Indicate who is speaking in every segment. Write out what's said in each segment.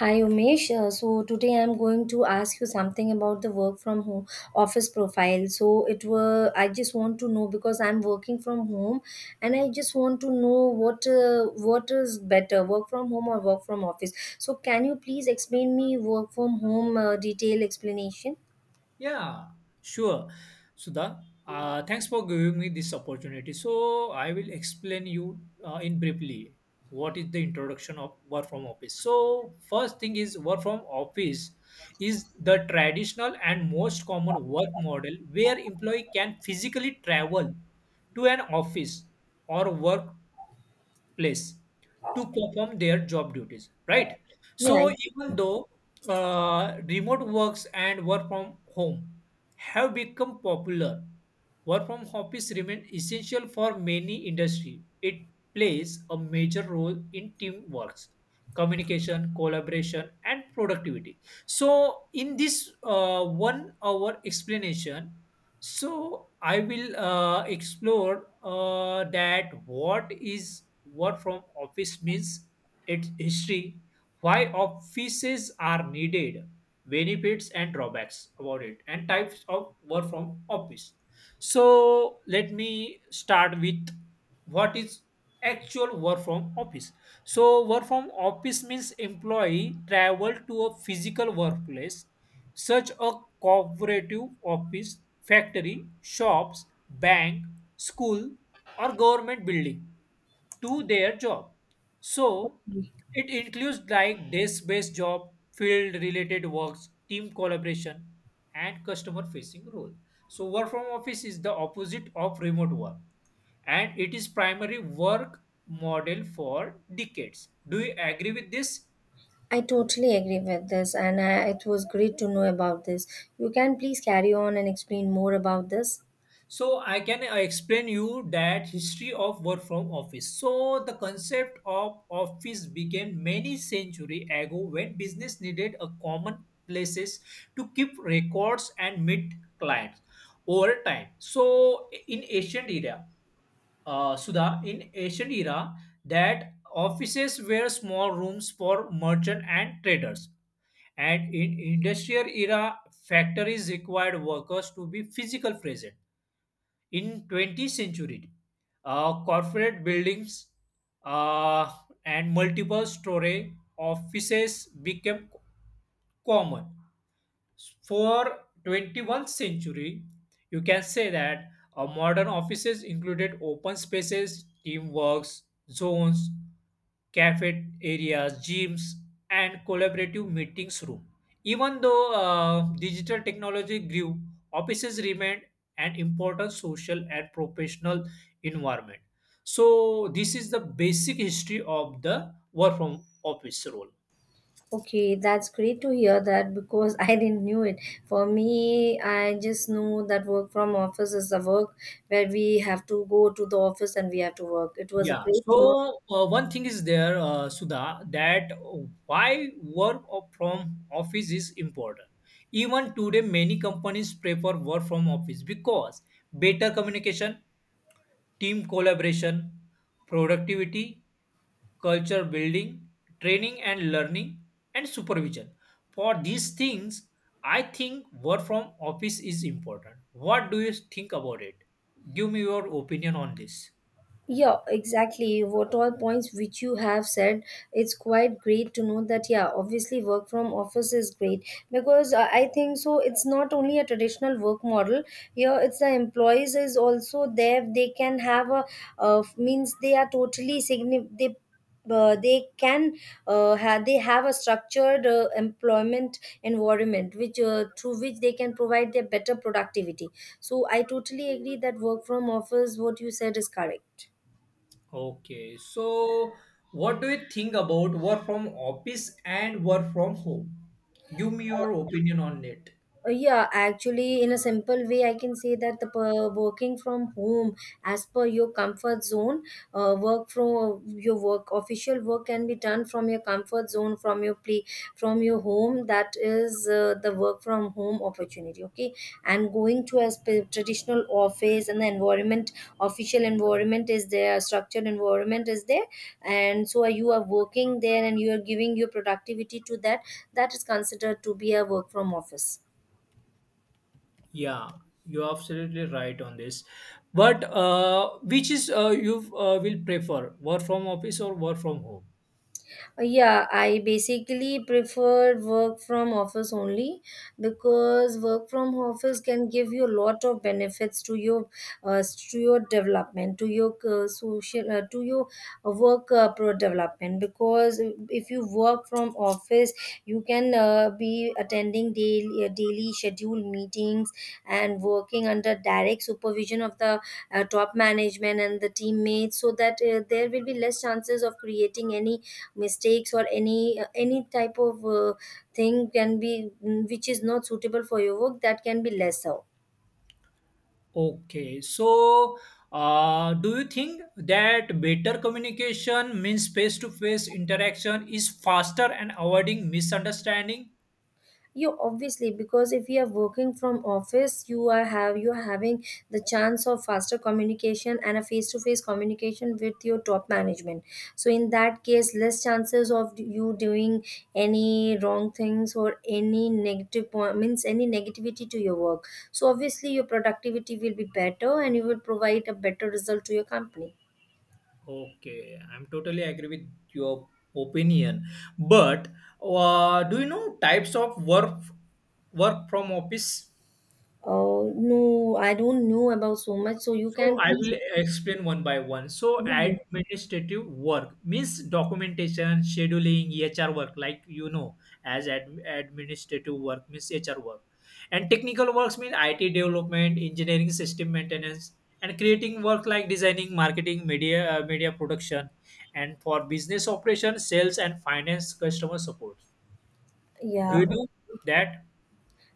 Speaker 1: Hi Umesh. So today I'm going to ask you something about the work from home office profile. So it were I just want to know because I'm working from home, and I just want to know what is better, work from home or work from office. So can you please explain me work from home detail explanation?
Speaker 2: Yeah, sure. Sudha, thanks for giving me this opportunity. So I will explain you in briefly what is the introduction of work from office. So first thing is work from office is the traditional and most common work model where employee can physically travel to an office or work place to perform their job duties, right?
Speaker 1: Yeah,
Speaker 2: So even
Speaker 1: exactly.
Speaker 2: though remote works and work from home have become popular, work from office remains essential for many industry. It plays a major role in teamwork, communication, collaboration, and productivity. So in this 1 hour explanation, so I will explore that what is work from office means, its history, why offices are needed, benefits and drawbacks about it, and types of work from office. So let me start with what is actual work from office. So work from office means employee travel to a physical workplace such a cooperative office, factory, shops, bank, school, or government building to their job. So it includes like desk-based job, field-related works, team collaboration, and customer-facing role. So work from office is the opposite of remote work, and it is primary work model for decades. Do you agree with this?
Speaker 1: I totally agree with this, and it was great to know about this. You can please carry on and explain more about this.
Speaker 2: So I can explain you that history of work from office. So the concept of office began many century ago when business needed a common places to keep records and meet clients over time. So in ancient era, Suda, in ancient era, that offices were small rooms for merchant and traders, and in industrial era factories required workers to be physical present. In 20th century corporate buildings uh, and multiple storage offices became common. For 21st century you can say that modern offices included open spaces, teamworks zones, cafe areas, gyms, and collaborative meetings room. Even though digital technology grew, offices remained an important social and professional environment. So this is the basic history of the work from office role.
Speaker 1: Okay, that's great to hear that because I didn't knew it. For me, I just know that work from office is a work where we have to go to the office and we have to work. It was a
Speaker 2: Yeah.
Speaker 1: great to know.
Speaker 2: So one thing is there, Sudha, that why work from office is important. Even today, many companies prefer work from office because better communication, team collaboration, productivity, culture building, training and learning, and supervision. For these things, I think work from office is important. What do you think about it? Give me your opinion on this.
Speaker 1: Yeah, exactly. What all points which you have said, it's quite great to know that, yeah, obviously work from office is great because I think so. It's not only a traditional work model here, it's the employees is also there. They can have means they are totally significant. They can have they have a structured employment environment which through which they can provide their better productivity. So I totally agree that work from office what you said is correct.
Speaker 2: Okay, so what do you think about work from office and work from home? Give me
Speaker 1: Uh,
Speaker 2: your opinion on it.
Speaker 1: yeah, actually, in a simple way, I can say that working from home, as per your comfort zone, work from your work, official work can be done from your comfort zone, from your play, from your home. That is the work from home opportunity. Okay, and going to a traditional office and the environment, official environment is there, structured environment is there, and so you are working there and you are giving your productivity to that. That is considered to be a work from office.
Speaker 2: Yeah, you're absolutely right on this. But which is you will prefer, work from office or work from home?
Speaker 1: Yeah, I basically prefer work from office only because work from office can give you a lot of benefits uh, to your development, to your to your work pro development. Because if you work from office, you can be attending daily daily scheduled meetings and working under direct supervision of the top management and the teammates, so that there will be less chances of creating any mistakes or any type of thing can be which is not suitable for your work that can be less out.
Speaker 2: Okay, so do you think that better communication means face to face interaction is faster and avoiding misunderstanding?
Speaker 1: You obviously because if you are working from office you are having the chance of faster communication and a face to face communication with your top management. So in that case less chances of you doing any wrong things or any negative point means any negativity to your work. So obviously your productivity will be better and you will provide a better result to your company.
Speaker 2: Okay, I'm totally agree with your opinion. But do you know types of work from office?
Speaker 1: Oh, no, I don't know about so much. So you
Speaker 2: So
Speaker 1: can
Speaker 2: I
Speaker 1: please.
Speaker 2: will explain one by one. So administrative work means documentation, scheduling, HR work, like you know, as administrative work means HR work. And technical works mean IT development, engineering, system maintenance, and creating work like designing, marketing, media, media production, and for business operation, sales, and finance, customer support. Do
Speaker 1: Yeah.
Speaker 2: you know
Speaker 1: Okay.
Speaker 2: that?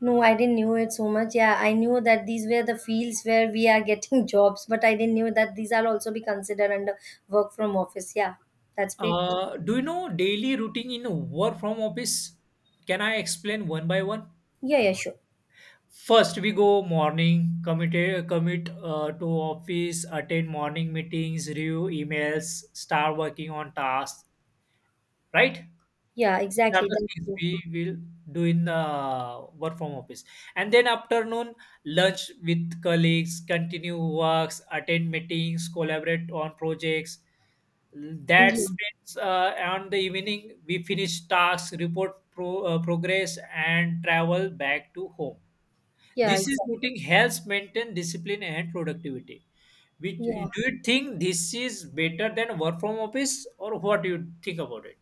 Speaker 1: No, I didn't know it so much. Yeah, I knew that these were the fields where we are getting jobs, but I didn't know that these are also be considered under work from office. Yeah, that's great.
Speaker 2: Do you know daily routine in work from office? Can I explain one by one?
Speaker 1: Yeah, yeah, sure.
Speaker 2: First, we go morning, commit to office, attend morning meetings, review emails, start working on tasks, right?
Speaker 1: Yeah,
Speaker 2: These are
Speaker 1: exactly.
Speaker 2: the
Speaker 1: That's
Speaker 2: things
Speaker 1: true.
Speaker 2: we will do in the work from office. And then afternoon, lunch with colleagues, continue works, attend meetings, collaborate on projects. That
Speaker 1: Yeah,
Speaker 2: spends on the evening, we finish tasks, progress, and travel back to home.
Speaker 1: yeah,
Speaker 2: This is
Speaker 1: exactly.
Speaker 2: routine helps maintain discipline and productivity. Which
Speaker 1: Yeah.
Speaker 2: do you think this is better than work from office, or what do you think about it?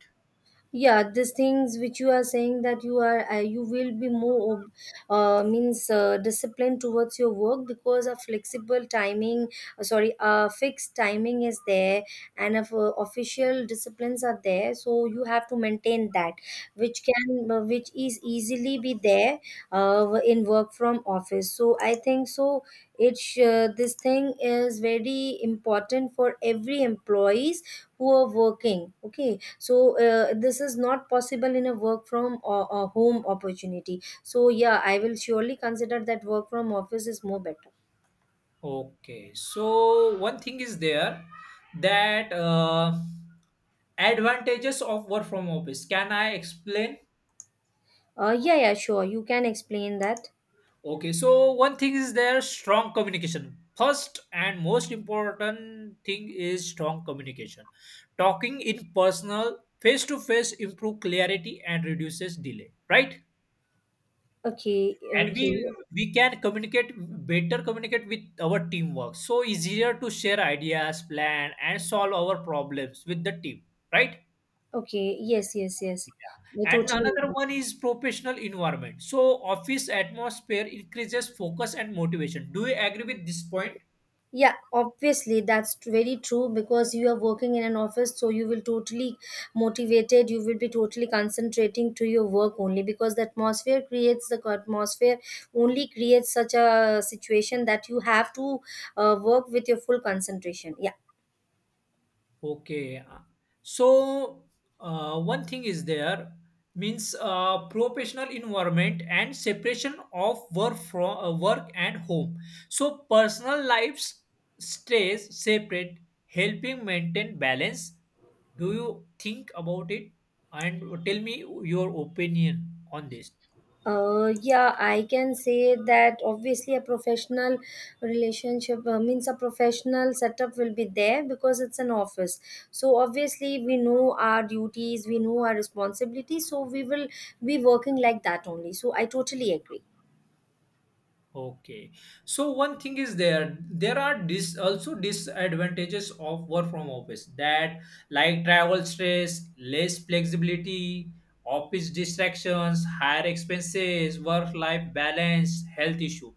Speaker 1: Yeah, these things which you are saying that you are you will be more means disciplined towards your work because a fixed timing is there. And if official disciplines are there, so you have to maintain that, which can which is easily be there in work from office. So I think so it's this thing is very important for every employees who are working. Okay, so this is not possible in a work from or home opportunity. So yeah, I will surely consider that work from office is more better.
Speaker 2: Okay, so one thing is there that advantages of work from office. Can I explain?
Speaker 1: Yeah, yeah, sure you can explain that.
Speaker 2: Okay, so one thing is there, strong communication. First and most important thing is strong communication. Talking in personal face to face improve clarity and reduces delay, right?
Speaker 1: Okay,
Speaker 2: And we
Speaker 1: okay.
Speaker 2: we can communicate with our teamwork. So easier to share ideas, plan and solve our problems with the team, right?
Speaker 1: Okay, yes, yes, yes.
Speaker 2: Yeah.
Speaker 1: I
Speaker 2: And
Speaker 1: totally
Speaker 2: another
Speaker 1: agree.
Speaker 2: one is professional environment. So office atmosphere increases focus and motivation. Do you agree with this point?
Speaker 1: Yeah, obviously very true because you are working in an office, so you will totally motivated. You will be totally concentrating to your work only because the atmosphere only creates such a situation that you have to work with your full concentration. Yeah.
Speaker 2: Okay. So, one thing is there means professional environment and separation of work from work and home. So personal lives stays separate, helping maintain balance. Do you think about it? And tell me your opinion on this.
Speaker 1: Yeah, I can say that obviously a professional relationship means a professional setup will be there because it's an office. So obviously we know our duties, we know our responsibilities, so we will be working like that only. So I totally agree.
Speaker 2: Okay. So one thing is there, there are dis also disadvantages of work from office, that like travel stress, less flexibility, office distractions, higher expenses, work life balance, health issue.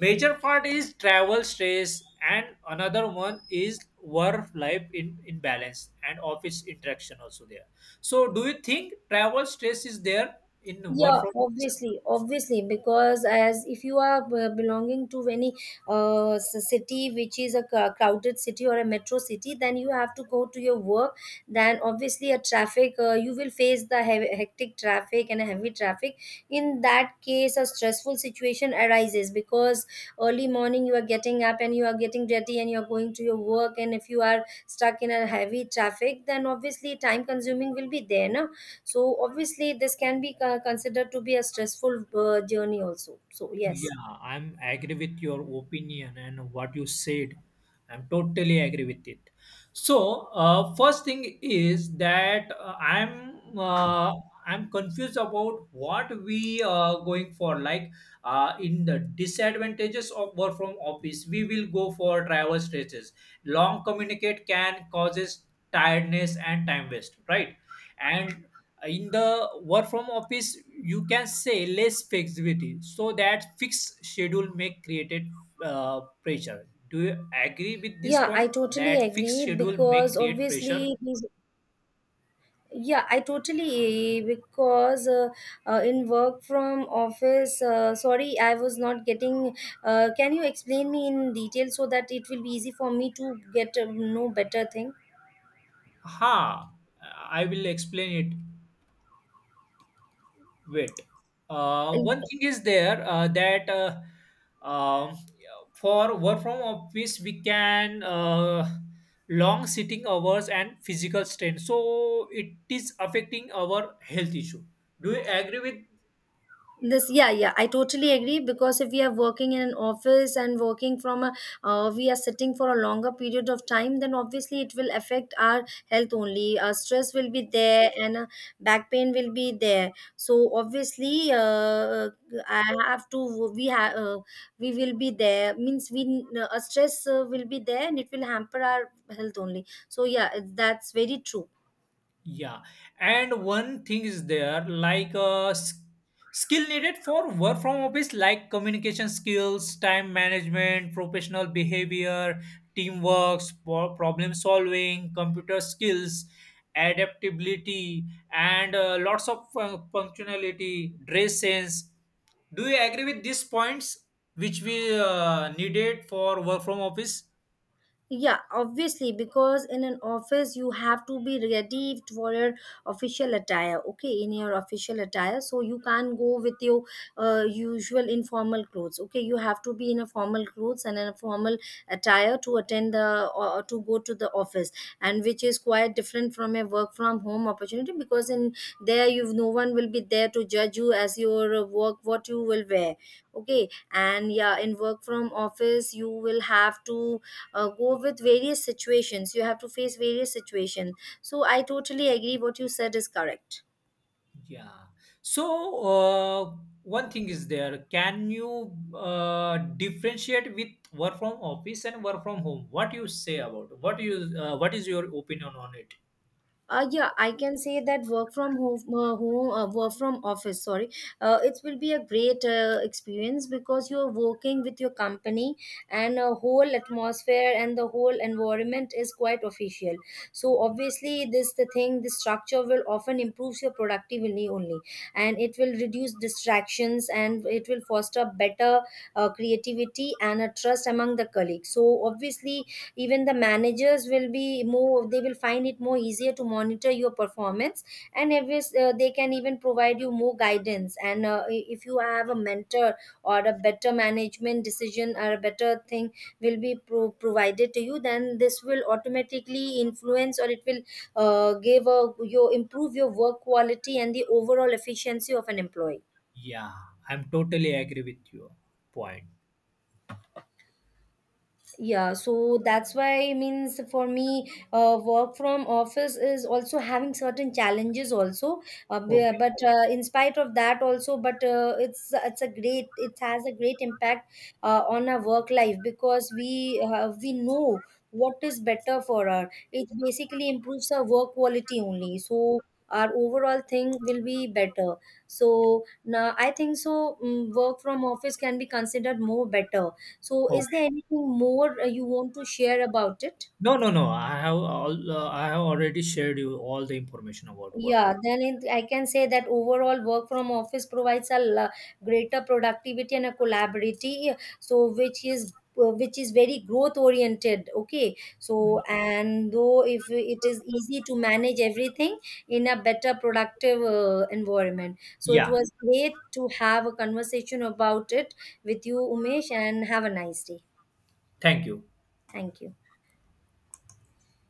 Speaker 2: Major part is travel stress, and another one is work life in imbalance, and office interaction also there. So do you think travel stress is there in
Speaker 1: Yeah,
Speaker 2: work from office?
Speaker 1: obviously, obviously, because as if you are belonging to any city which is a crowded city or a metro city, then you have to go to your work. Then obviously, a traffic you will face the heavy, hectic traffic and a heavy traffic. In that case, a stressful situation arises because early morning you are getting up and you are getting ready and you are going to your work. And if you are stuck in a heavy traffic, then obviously time consuming will be there, no? So obviously, this can be considered to be a stressful journey also. So yes,
Speaker 2: Yeah, I'm agree with your opinion and what you said. I'm totally agree with it. So, first thing is that I'm confused about what we are going for. Like, in the disadvantages of work from office, we will go for travel stretches. Long communicate can causes tiredness and time waste, right? And in the work from office you can say less flexibility, so that fixed schedule may created pressure. Do you agree with this
Speaker 1: yeah, I
Speaker 2: point
Speaker 1: totally
Speaker 2: that fixed
Speaker 1: agree
Speaker 2: schedule may
Speaker 1: because
Speaker 2: create pressure?
Speaker 1: obviously these. Yeah, I totally because In work from office. Sorry, I was not getting. Can you explain me in detail so that it will be easy for me to get know better thing?
Speaker 2: Ha, I will explain it. Wait. One thing is there that um, for work from office we can long sitting hours and physical strain. So it is affecting our health issue. Do you agree with?
Speaker 1: This, yeah, yeah, I totally agree because if we are working in an office and working from a we are sitting for a longer period of time, then obviously it will affect our health only. Stress will be there and back pain will be there. So obviously I have to we have we will be there means we stress will be there and it will hamper our health only. So yeah, that's very true.
Speaker 2: Yeah, and one thing is there like skill needed for work from office, like communication skills, time management, professional behavior, teamwork, problem solving, computer skills, adaptability, and lots of functionality, dress sense. Do you agree with these points which we needed for work from office?
Speaker 1: Yeah, obviously, because in an office you have to be ready for your official attire, okay, in your official attire. So you can't go with your usual informal clothes, okay. You have to be in a formal clothes and in a formal attire to attend the or to go to the office, and which is quite different from a work from home opportunity because in there you no one will be there to judge you as your work what you will wear, okay. And yeah, in work from office you will have to go with various situations, you have to face various situations. So I totally agree what you said is correct.
Speaker 2: Yeah. So, uh, one thing is there. Can you differentiate with work from office and work from home? What you say about, what you what is your opinion on it?
Speaker 1: Yeah, I can say that work from office. Sorry, it will be a great experience because you are working with your company, and a whole atmosphere and the whole environment is quite official. So obviously, this the thing. The structure will often improves your productivity only, and it will reduce distractions and it will foster better creativity and a trust among the colleagues. So obviously, even the managers will be more they will find it more easier to monitor your performance. And if it's, they can even provide you more guidance. And if you have a mentor or a better management decision or a better thing will be provided to you, then this will automatically influence or it will your improve your work quality and the overall efficiency of an employee.
Speaker 2: Yeah, I'm totally agree with your point.
Speaker 1: Yeah, so that's why means for me work from office is also having certain challenges also. B-
Speaker 2: Okay.
Speaker 1: but In spite of that also, but it's a great, it has a great impact on our work life because we know what is better for our, it basically improves our work quality only. So our overall thing will be better. So now I think so work from office can be considered more better. So, is there
Speaker 2: Okay.
Speaker 1: anything more you want to share about it?
Speaker 2: No, no, no. I have all. I have already shared you all the information about work
Speaker 1: Yeah,
Speaker 2: from.
Speaker 1: then it, I can say that overall work from office provides a greater productivity and a collaborative, so which is very growth oriented, okay. So and though if it is easy to manage everything in a better productive environment. So it
Speaker 2: Yeah.
Speaker 1: was great to have a conversation about it with you, Umesh, and have a nice day.
Speaker 2: Thank you.
Speaker 1: Thank you.